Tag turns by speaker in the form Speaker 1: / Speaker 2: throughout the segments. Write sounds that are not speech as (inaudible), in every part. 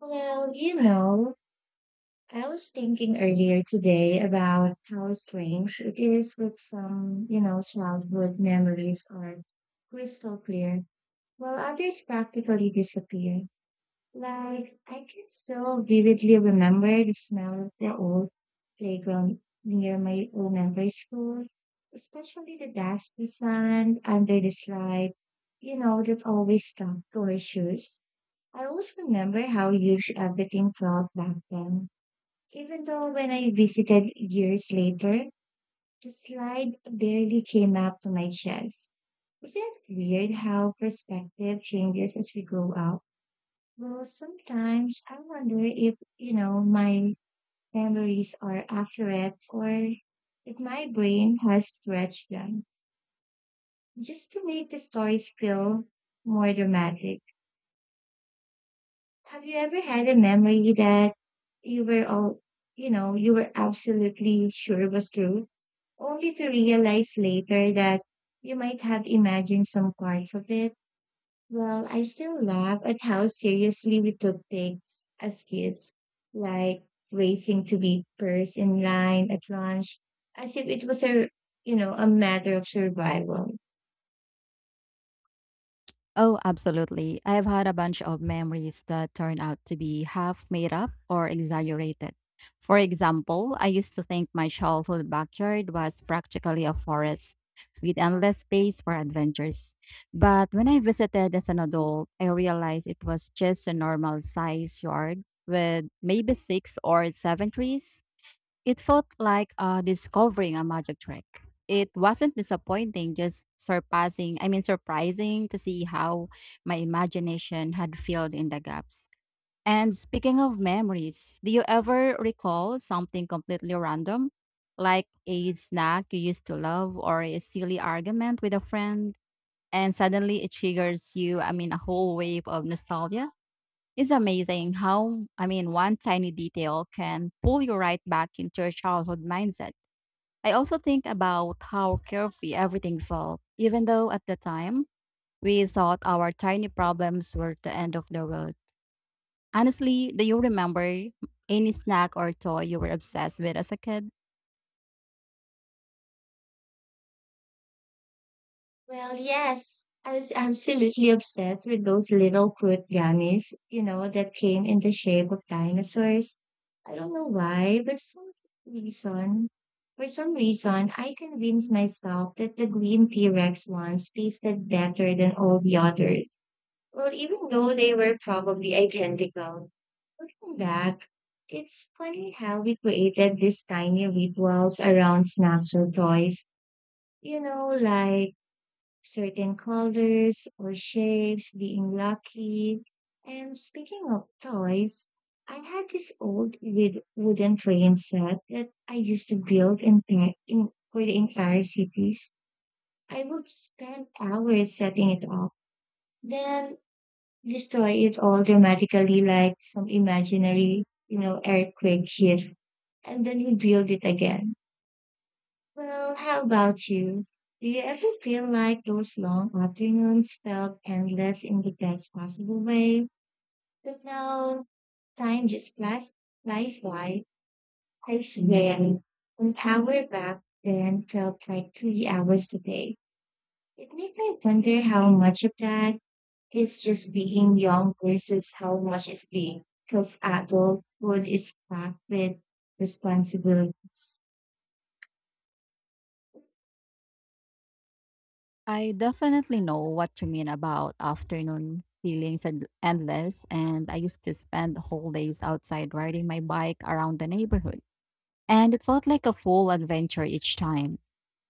Speaker 1: Well, you know, I was thinking earlier today about how strange it is that some, childhood memories are crystal clear, while others practically disappear. Like, I can still vividly remember the smell of the old playground near my elementary school, especially the dusty sand under the slide, that always stuck to our shoes. I always remember how huge everything felt back then. Even though when I visited years later, the slide barely came up to my chest. Isn't it weird how perspective changes as we grow up? Well, sometimes I wonder if, my memories are accurate or if my brain has stretched them just to make the stories feel more dramatic. Have you ever had a memory that you were all, you were absolutely sure was true, only to realize later that you might have imagined some parts of it? Well, I still laugh at how seriously we took things as kids, like racing to be first in line at lunch, as if it was a, a matter of survival.
Speaker 2: Oh, absolutely. I've had a bunch of memories that turn out to be half made up or exaggerated. For example, I used to think my childhood backyard was practically a forest with endless space for adventures. But when I visited as an adult, I realized it was just a normal size yard with maybe six or seven trees it felt like discovering a magic trick. It wasn't disappointing, just surprising to see how my imagination had filled in the gaps. And speaking of memories, do you ever recall something completely random, like a snack you used to love or a silly argument with a friend? And suddenly it triggers a whole wave of nostalgia? It's amazing how one tiny detail can pull you right back into your childhood mindset. I also think about how carefree everything felt, even though at the time we thought our tiny problems were the end of the world. Honestly, do you remember any snack or toy you were obsessed with as a kid?
Speaker 1: Well, yes, I was absolutely obsessed with those little fruit gummies, that came in the shape of dinosaurs. I don't know why, but reason, for some reason, I convinced myself that the green T-Rex ones tasted better than all the others. Well, even though they were probably identical. Looking back, it's funny how we created these tiny rituals around snacks or toys. You know, like certain colors or shapes being lucky. And speaking of toys, I had this old with wooden train set that I used to build in, in for the entire cities. I would spend hours setting it up, then destroy it all dramatically like some imaginary, earthquake hit, and then we build it again. Well, how about you? Do you ever feel like those long afternoons felt endless in the best possible way? But now time just flies by. I swear, an hour back then felt like 3 hours today. It makes me wonder how much of that is just being young versus how much is being because adulthood is packed with responsibilities.
Speaker 2: I definitely know what you mean about afternoon feelings and endless, and I used to spend whole days outside riding my bike around the neighborhood. And it felt like a full adventure each time.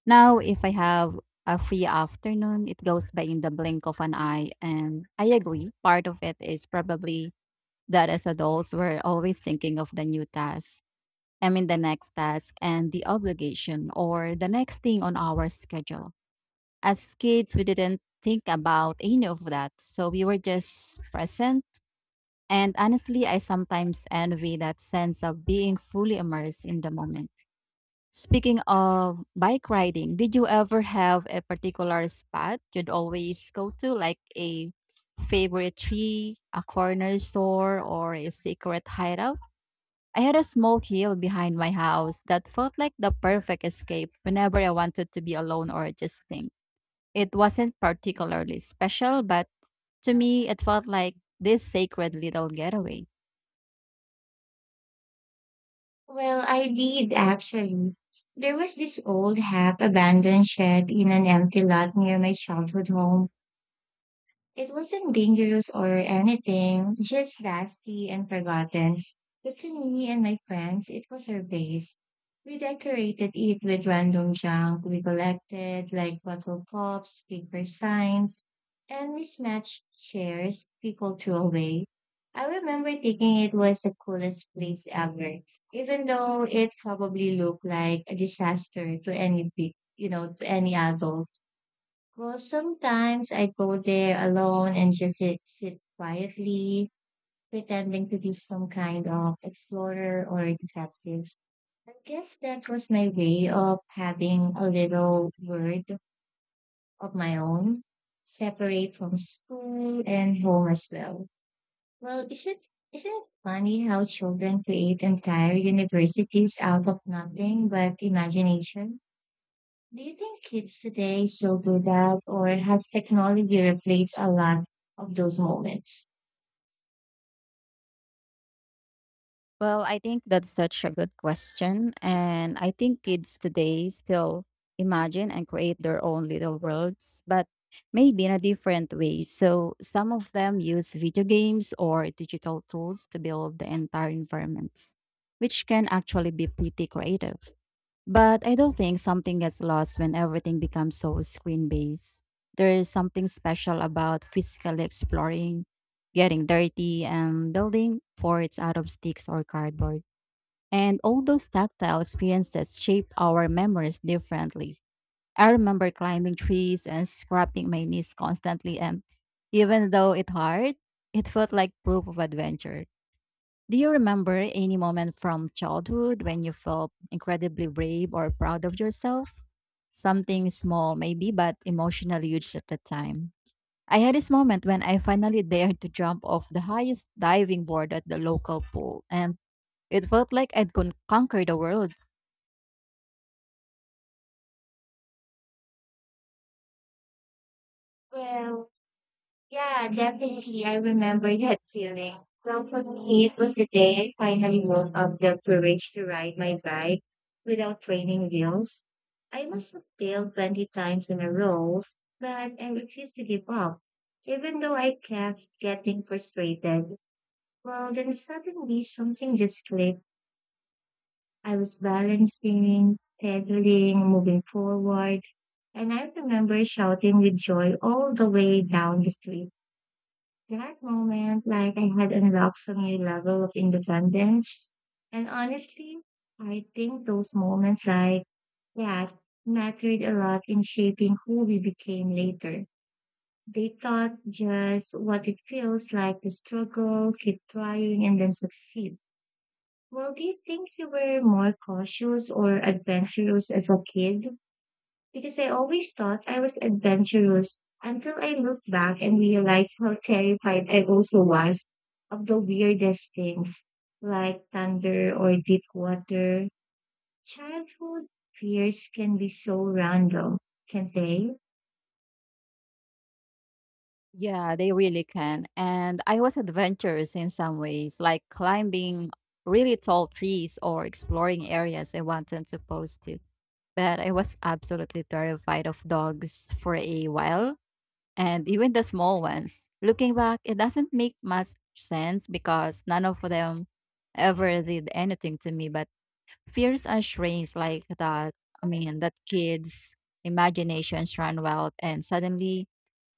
Speaker 2: Now, if I have a free afternoon, it goes by in the blink of an eye. And I agree, part of it is probably that as adults, we're always thinking of the new the next task and the obligation or the next thing on our schedule. As kids, we didn't think about any of that. So we were just present. And honestly, I sometimes envy that sense of being fully immersed in the moment. Speaking of bike riding, did you ever have a particular spot you'd always go to, like a favorite tree, a corner store, or a secret hideout? I had a small hill behind my house that felt like the perfect escape whenever I wanted to be alone or just think. It wasn't particularly special, but to me, it felt like this sacred little getaway.
Speaker 1: Well, I did actually. There was this old half abandoned shed in an empty lot near my childhood home. It wasn't dangerous or anything, just dusty and forgotten. But to me and my friends, it was our base. We decorated it with random junk we collected, like bottle cups, paper signs, and mismatched chairs people threw away. I remember thinking it was the coolest place ever, even though it probably looked like a disaster to any, to any adult. Well, sometimes I go there alone and just sit quietly, pretending to be some kind of explorer or detective. I guess that was my way of having a little world of my own, separate from school and home as well. Well, isn't it funny how children create entire universities out of nothing but imagination? Do you think kids today still do that, or has technology replaced a lot of those moments?
Speaker 2: Well, I think that's such a good question. And I think kids today still imagine and create their own little worlds, but maybe in a different way. So some of them use video games or digital tools to build the entire environments, which can actually be pretty creative. But I don't think something gets lost when everything becomes so screen based. There is something special about physically exploring, getting dirty, and building forts out of sticks or cardboard. And all those tactile experiences shape our memories differently. I remember climbing trees and scraping my knees constantly, and even though it hurt, it felt like proof of adventure. Do you remember any moment from childhood when you felt incredibly brave or proud of yourself? Something small, maybe, but emotionally huge at the time. I had this moment when I finally dared to jump off the highest diving board at the local pool, and it felt like conquer the world.
Speaker 1: Well, yeah, definitely. I remember that feeling. Well, for me, it was the day I finally woke up the courage to ride my bike without training wheels. I must have failed 20 times in a row, but I refused to give up. Even though I kept getting frustrated, well, then suddenly something just clicked. I was balancing, pedaling, moving forward, and I remember shouting with joy all the way down the street. That moment, like I had unlocked some new level of independence. And honestly, I think those moments like that mattered a lot in shaping who we became later. They taught just what it feels like to struggle, keep trying, and then succeed. Well, do you think you were more cautious or adventurous as a kid? Because I always thought I was adventurous until I looked back and realized how terrified I also was of the weirdest things like thunder or deep water. Childhood fears can be so random, can't they?
Speaker 2: Yeah, they really can. And I was adventurous in some ways, like climbing really tall trees or exploring areas I wanted to post to. But I was absolutely terrified of dogs for a while, and even the small ones. Looking back, it doesn't make much sense because none of them ever did anything to me. But fears are strange like that. Kids' imaginations run wild, and suddenly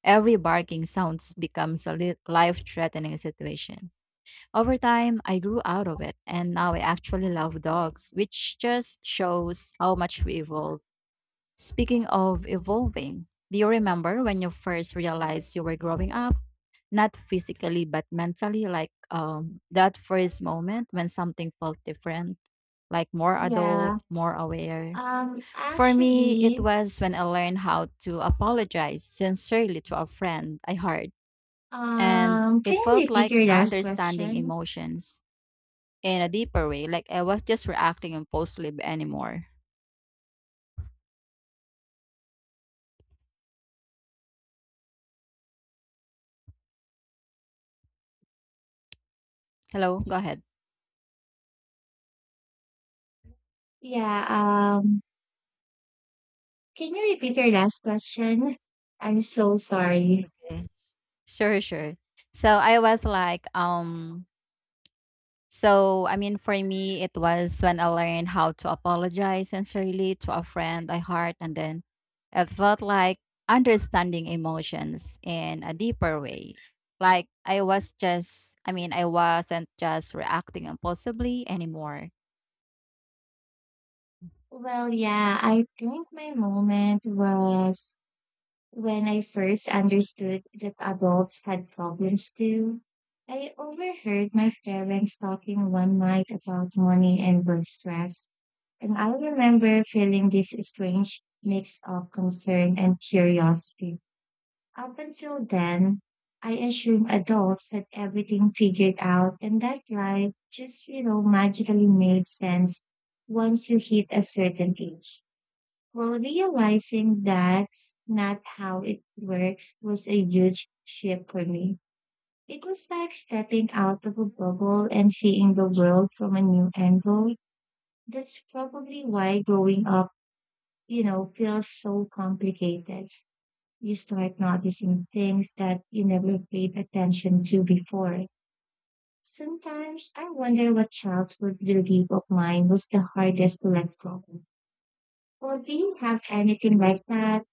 Speaker 2: every barking sounds becomes a life-threatening situation. Over time, I grew out of it, and now I actually love dogs, which just shows how much we evolved. Speaking of evolving, do you remember when you first realized you were growing up, not physically but mentally, like that first moment when something felt different, like more adult,
Speaker 1: Yeah.
Speaker 2: more aware?
Speaker 1: Um
Speaker 2: For me, it
Speaker 1: actually,
Speaker 2: was when I learned how to apologize sincerely to a friend I hurt, and
Speaker 1: can
Speaker 2: it
Speaker 1: you
Speaker 2: felt
Speaker 1: repeat
Speaker 2: like
Speaker 1: your last
Speaker 2: understanding
Speaker 1: question?
Speaker 2: emotions in a deeper way, like I was just reacting impulsively anymore. Hello, go ahead.
Speaker 1: Yeah, um can you repeat your last question? I'm so sorry.
Speaker 2: Sure, sure. So I was like, so I mean, For me, it was when I learned how to apologize sincerely to a friend I hurt, and then it felt like understanding emotions in a deeper way. I wasn't just reacting impulsively anymore.
Speaker 1: Well, yeah, I think my moment was when I first understood that adults had problems too. I overheard my parents talking one night about money and work stress, and I remember feeling this strange mix of concern and curiosity. Up until then, I assumed adults had everything figured out, and that life just, magically made sense once you hit a certain age. Well, realizing that's not how it works was a huge shift for me. It was like stepping out of a bubble and seeing the world from a new angle. That's probably why growing up, feels so complicated. You start noticing things that you never paid attention to before. Sometimes I wonder what childhood belief of mine was the hardest to let go. Or do you have anything like that?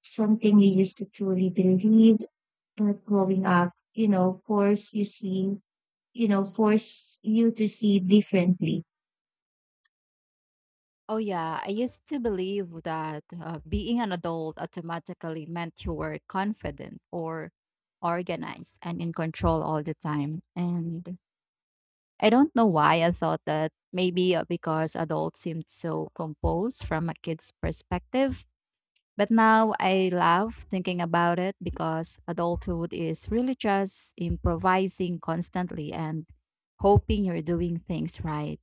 Speaker 1: Something you used to truly believe. But growing up, force you to see differently.
Speaker 2: Oh, yeah. I used to believe that being an adult automatically meant you were confident or organized and in control all the time. And I don't know why I thought that maybe because adults seemed so composed from a kid's perspective. But now I love thinking about it because adulthood is really just improvising constantly and hoping you're doing things right.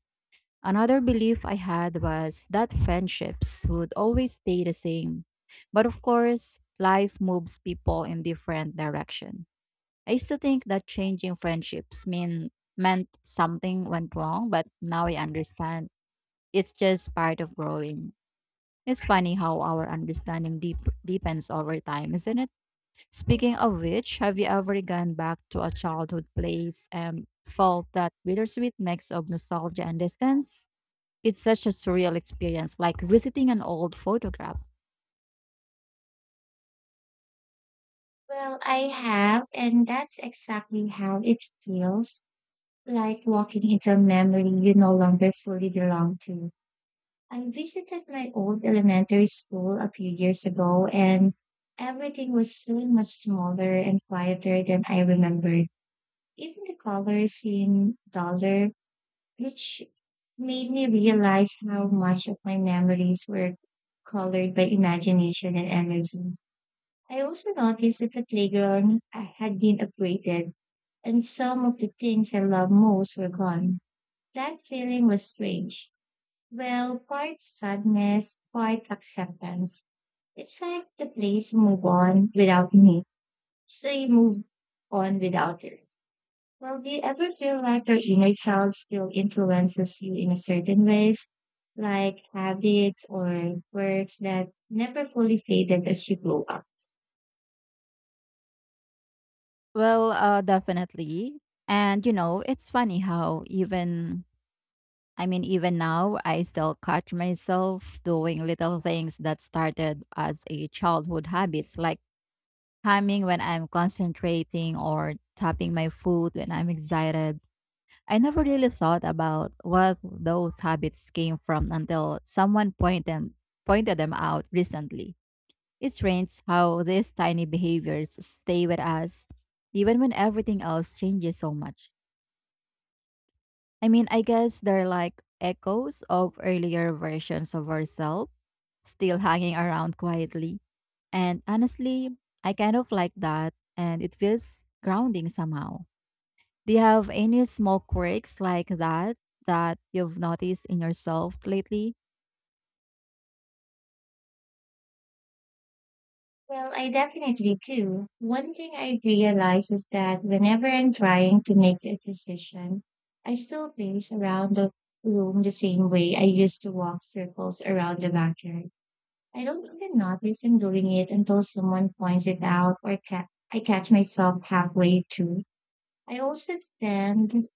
Speaker 2: Another belief I had was that friendships would always stay the same. But of course, life moves people in different direction. I used to think that changing friendships mean meant something went wrong, but now I understand it's just part of growing. It's funny how our deepens over time, isn't it? Speaking of which, have you ever gone back to a childhood place and felt that bittersweet mix of nostalgia and distance? It's such a surreal experience, like visiting an old photograph.
Speaker 1: Well, I have, and that's exactly how it feels like walking into a memory you no longer fully belong to. I visited my old elementary school a few years ago, and everything was so much smaller and quieter than I remembered. Even the colors seemed duller which made me realize how much of my memories were colored by imagination and energy. I also noticed that the playground I had been upgraded, and some of the things I loved most were gone. That feeling was strange. Well, part sadness, part acceptance. It's like the place moved on without me, so you move on without it. Well, do you ever feel like your inner child still influences you in a certain ways, like habits or words that never fully faded as you grow up?
Speaker 2: Well, definitely. And you know, it's funny how even now I still catch myself doing little things that started as a childhood habits, like humming when I'm concentrating or tapping my foot when I'm excited. I never really thought about what those habits came from until someone pointed them out recently. It's strange how these tiny behaviors stay with us even when everything else changes so much. I mean, I guess they're like echoes of earlier versions of ourselves still hanging around quietly. And honestly, I kind of like that and it feels grounding somehow. Do you have any small quirks like that that you've noticed in yourself lately?
Speaker 1: Well, I definitely do. One thing I realize is that whenever I'm trying to make a decision, I still pace around the room the same way I used to walk circles around the backyard. I don't even notice I'm doing it until someone points it out or I catch myself halfway too. I also tend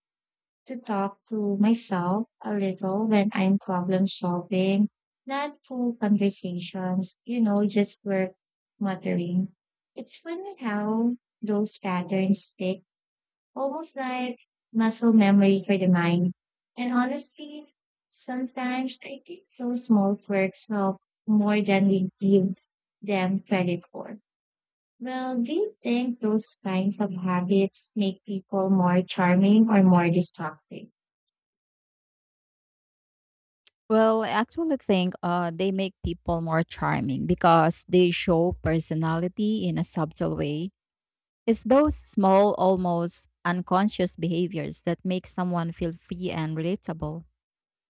Speaker 1: to talk to myself a little when I'm problem solving, not full conversations, just work muttering. It's funny how those patterns stick, almost like muscle memory for the mind. And honestly, sometimes I think those small quirks help more than we give them credit for. Well, do you think those kinds of habits make people more charming or more destructive?
Speaker 2: Well, I actually think they make people more charming because they show personality in a subtle way. It's those small, almost unconscious behaviors that make someone feel free and relatable.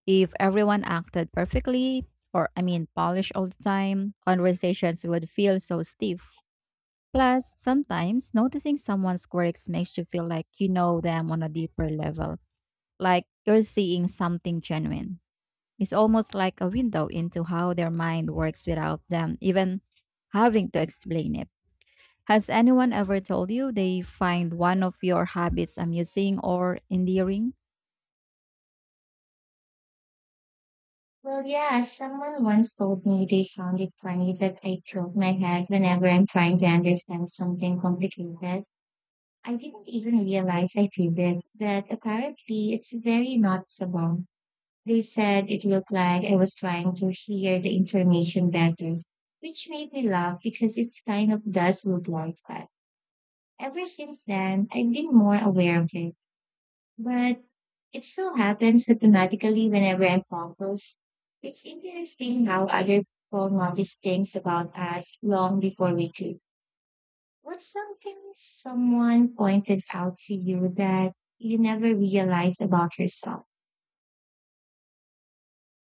Speaker 2: If everyone acted perfectly, or I mean, polished all the time, conversations would feel so stiff. Plus, sometimes noticing someone's quirks makes you feel like you know them on a deeper level, like you're seeing something genuine. It's almost like a window into how their mind works without them even having to explain it. Has anyone ever told you they find one of your habits amusing or endearing?
Speaker 1: Well, yeah, someone once told me they found it funny that I tilt my head whenever I'm trying to understand something complicated. I didn't even realize I did it, but apparently it's very noticeable. They said it looked like I was trying to hear the information better, which made me laugh because it kind of does look like that. Ever since then, I've been more aware of it, but it still happens automatically whenever I'm focused. It's interesting how other people notice things about us long before we do. What's something someone pointed out to you that you never realized about yourself?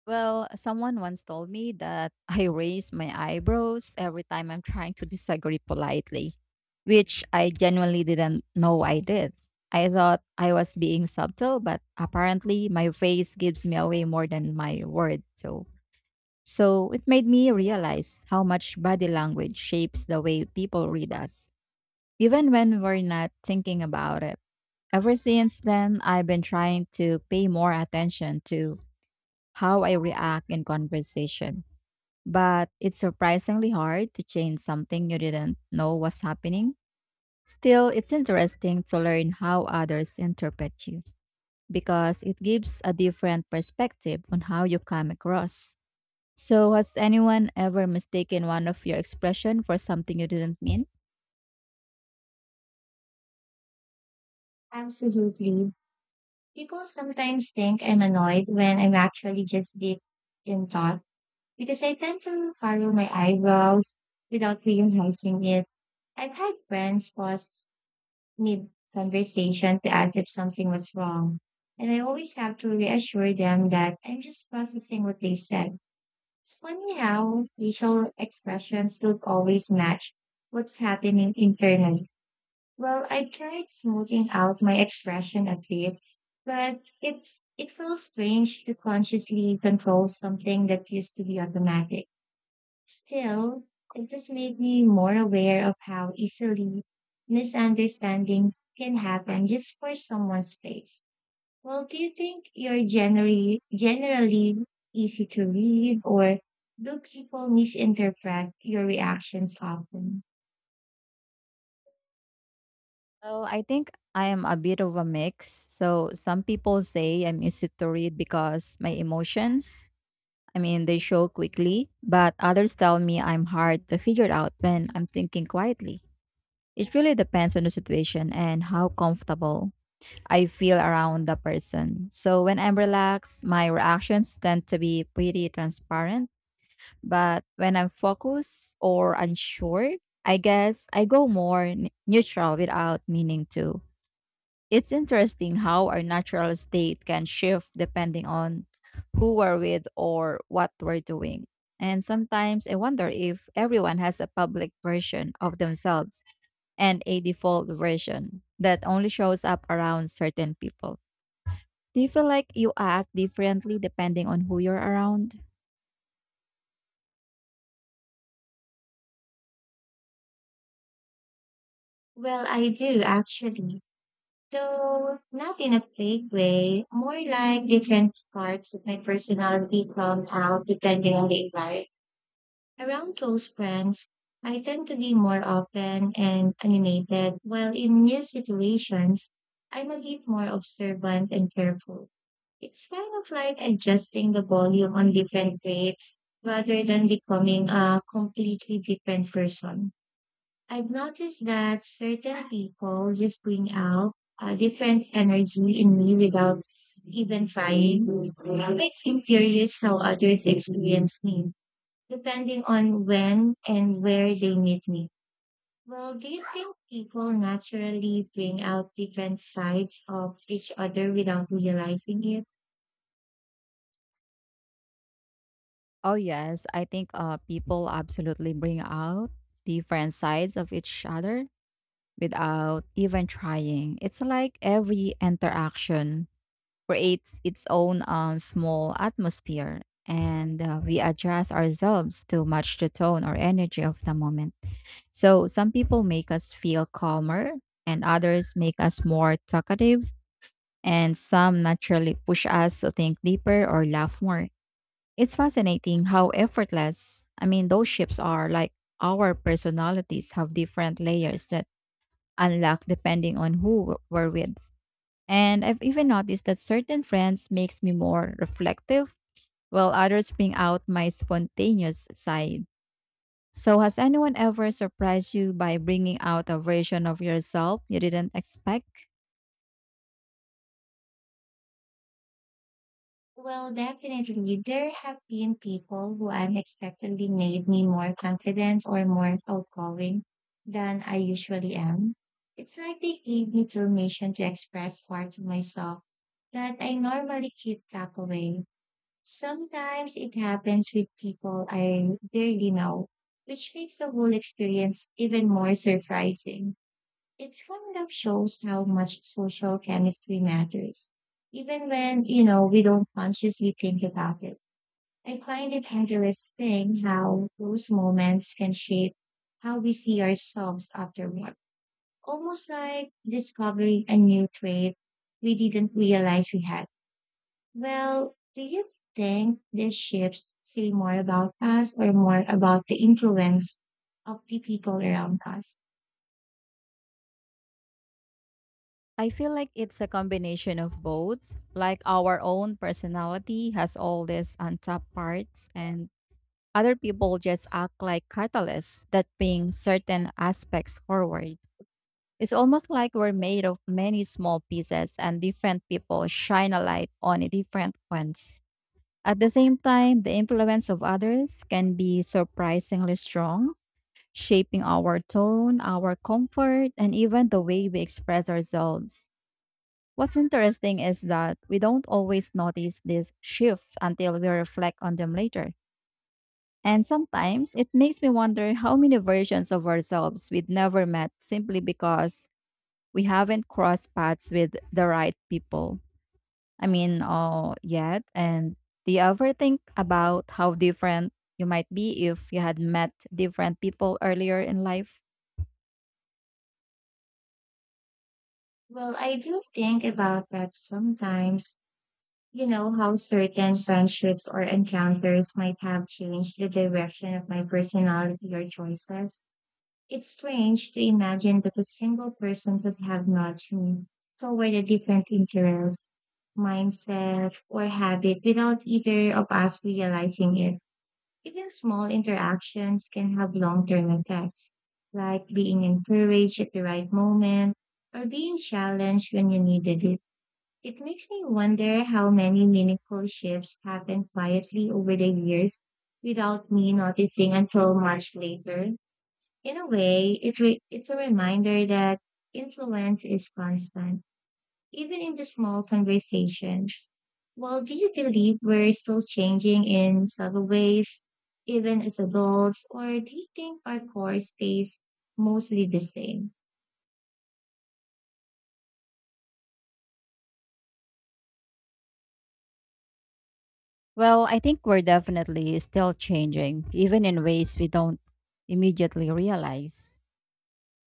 Speaker 2: Well, someone once told me that (laughs) I raise my eyebrows every time I'm trying to disagree politely, which I genuinely didn't know I did. I thought I was being subtle, but apparently my face gives me away more than my word. So it made me realize how much body language shapes the way people read us, even when we're not thinking about it. Ever since then, I've been trying to pay more attention to how I react in conversation. But it's surprisingly hard to change something you didn't know was happening. Still, it's interesting to learn how others interpret you because it gives a different perspective on how you come across. So, has anyone ever mistaken one of your expression for something you didn't mean?
Speaker 1: Absolutely. People sometimes think I'm annoyed when I'm actually just deep in thought because I tend to furrow my eyebrows without realizing it. I've had friends pause mid conversation to ask if something was wrong, and I always have to reassure them that I'm just processing what they said. It's funny how facial expressions don't always match what's happening internally. Well, I tried smoothing out my expression a bit, but it feels strange to consciously control something that used to be automatic. Still, it just made me more aware of how easily misunderstanding can happen just for someone's face. Well, do you think you're generally easy to read, or do people misinterpret your reactions often?
Speaker 2: Well, I think I am a bit of a mix. So, some people say I'm easy to read because my they show quickly, but others tell me I'm hard to figure out when I'm thinking quietly. It really depends on the situation and how comfortable I feel around the person. So when I'm relaxed, my reactions tend to be pretty transparent, but when I'm focused or unsure, I guess I go more neutral without meaning to. It's interesting how our natural state can shift depending on who we're with or what we're doing. And sometimes I wonder if everyone has a public version of themselves and a default version that only shows up around certain people. Do you feel like you act differently depending on who you're around?
Speaker 1: Well, I do actually. So not in a fake way, more like different parts of my personality come out depending on the environment. Around close friends, I tend to be more open and animated, while in new situations, I'm a bit more observant and careful. It's kind of like adjusting the volume on different rates rather than becoming a completely different person. I've noticed that certain people just bring out a different energy in me without even trying. It makes me curious how others experience me, depending on when and where they meet me. Well, do you think people naturally bring out different sides of each other without realizing it?
Speaker 2: Oh, yes. I think people absolutely bring out different sides of each other without even trying. It's like every interaction creates its own small atmosphere, and we adjust ourselves to match the tone or energy of the moment. So, some people make us feel calmer, and others make us more talkative, and some naturally push us to think deeper or laugh more. It's fascinating how those shifts are like our personalities have different layers that unlock depending on who we're with. And I've even noticed that certain friends makes me more reflective, while others bring out my spontaneous side. So has anyone ever surprised you by bringing out a version of yourself you didn't expect?
Speaker 1: Well, definitely. There have been people who unexpectedly made me more confident or more outgoing than I usually am. It's like they gave me permission to express parts of myself that I normally keep tucked away. Sometimes it happens with people I barely know, which makes the whole experience even more surprising. It's kind of shows how much social chemistry matters, even when, we don't consciously think about it. I find it interesting how those moments can shape how we see ourselves afterward. Almost like discovering a new trait we didn't realize we had. Well, do you think these shifts say more about us or more about the influence of the people around us?
Speaker 2: I feel like it's a combination of both. Like our own personality has all these untapped parts and other people just act like catalysts that bring certain aspects forward. It's almost like we're made of many small pieces, and different people shine a light on a different ones. At the same time, the influence of others can be surprisingly strong, shaping our tone, our comfort, and even the way we express ourselves. What's interesting is that we don't always notice this shift until we reflect on them later. And sometimes it makes me wonder how many versions of ourselves we'd never met simply because we haven't crossed paths with the right people. Yet. And do you ever think about how different you might be if you had met different people earlier in life?
Speaker 1: Well, I do think about that sometimes. You know, how certain friendships or encounters might have changed the direction of my personality or choices. It's strange to imagine that a single person could have nudged me toward a different interest, mindset, or habit without either of us realizing it. Even small interactions can have long term effects, like being encouraged at the right moment or being challenged when you needed it. It makes me wonder how many meaningful shifts happen quietly over the years without me noticing until much later. In a way, it's a reminder that influence is constant even in the small conversations. Well, do you believe we're still changing in subtle ways, even as adults, or do you think our core stays mostly the same?
Speaker 2: Well, I think we're definitely still changing, even in ways we don't immediately realize.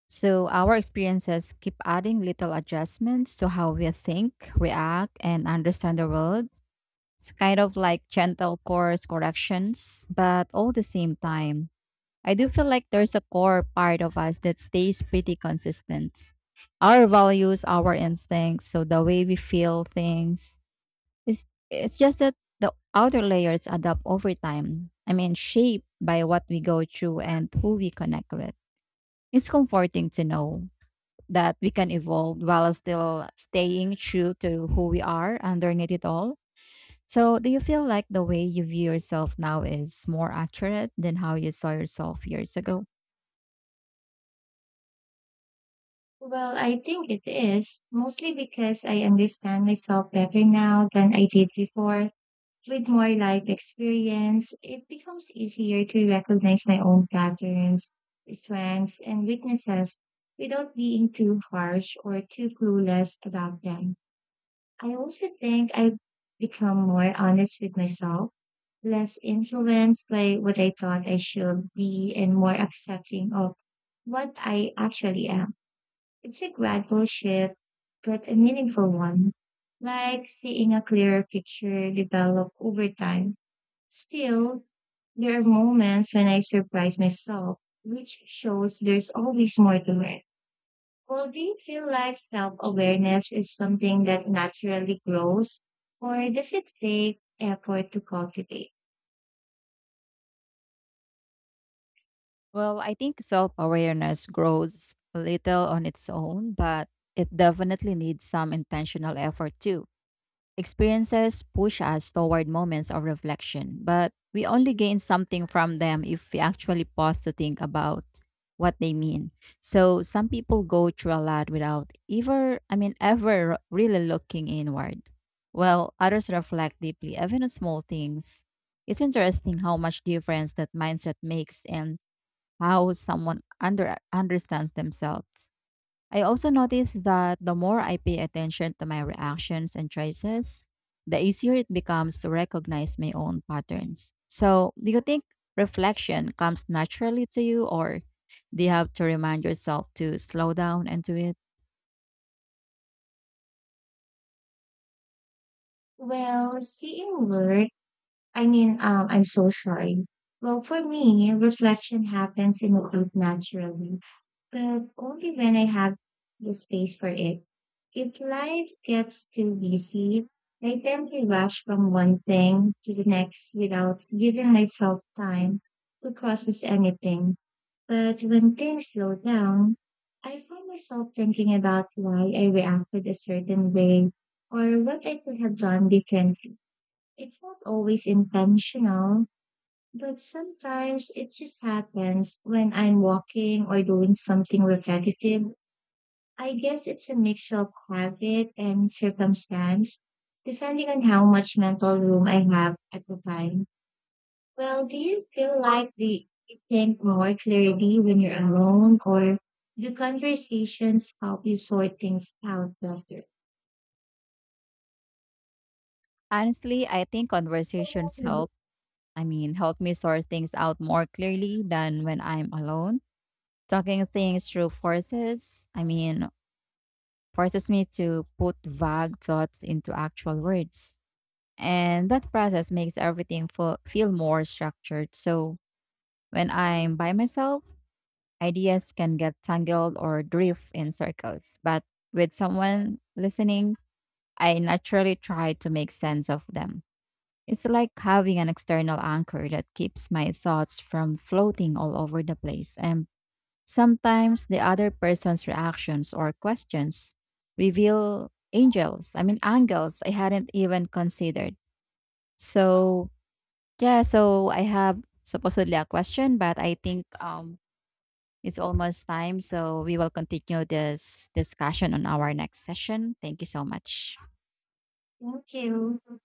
Speaker 2: So, our experiences keep adding little adjustments to how we think, react, and understand the world. It's kind of like gentle course corrections, but all the same time. I do feel like there's a core part of us that stays pretty consistent. Our values, our instincts, so the way we feel things. It's just that the outer layers adapt over time. I mean, shaped by what we go through and who we connect with. It's comforting to know that we can evolve while still staying true to who we are underneath it all. So, do you feel like the way you view yourself now is more accurate than how you saw yourself years ago?
Speaker 1: Well, I think it is, mostly because I understand myself better now than I did before. With more life experience, it becomes easier to recognize my own patterns, strengths, and weaknesses without being too harsh or too clueless about them. I also think I've become more honest with myself, less influenced by what I thought I should be, and more accepting of what I actually am. It's a gradual shift, but a meaningful one, like seeing a clearer picture develop over time. Still, there are moments when I surprise myself, which shows there's always more to learn. Well, do you feel like self awareness is something that naturally grows, or does it take effort to cultivate?
Speaker 2: Well, I think self awareness grows a little on its own, but it definitely needs some intentional effort too. Experiences push us toward moments of reflection, but we only gain something from them if we actually pause to think about what they mean. So some people go through a lot without ever really looking inward. Well, others reflect deeply, even on small things. It's interesting how much difference that mindset makes and how someone understands themselves. I also notice that the more I pay attention to my reactions and choices, the easier it becomes to recognize my own patterns. So, do you think reflection comes naturally to you or do you have to remind yourself to slow down and do it?
Speaker 1: Well, seeing work, I mean, I'm so sorry. Well, for me, reflection happens in a group naturally, but only when I have the space for it. If life gets too busy, I tend to rush from one thing to the next without giving myself time to process anything. But when things slow down, I find myself thinking about why I reacted a certain way or what I could have done differently. It's not always intentional, but sometimes it just happens when I'm walking or doing something repetitive. I guess it's a mix of habit and circumstance, depending on how much mental room I have at the time. Well, do you feel like you think more clearly when you're alone, or do conversations help you sort things out better?
Speaker 2: Honestly, I think conversations
Speaker 1: Thank
Speaker 2: help. Help me sort things out more clearly than when I'm alone. Talking things through forces, I mean, forces me to put vague thoughts into actual words. And that process makes everything feel more structured. So when I'm by myself, ideas can get tangled or drift in circles. But with someone listening, I naturally try to make sense of them. It's like having an external anchor that keeps my thoughts from floating all over the place. And sometimes the other person's reactions or questions reveal angles I hadn't even considered. So, yeah, so I have supposedly a question, but I think it's almost time. So, we will continue this discussion on our next session. Thank you so much.
Speaker 1: you.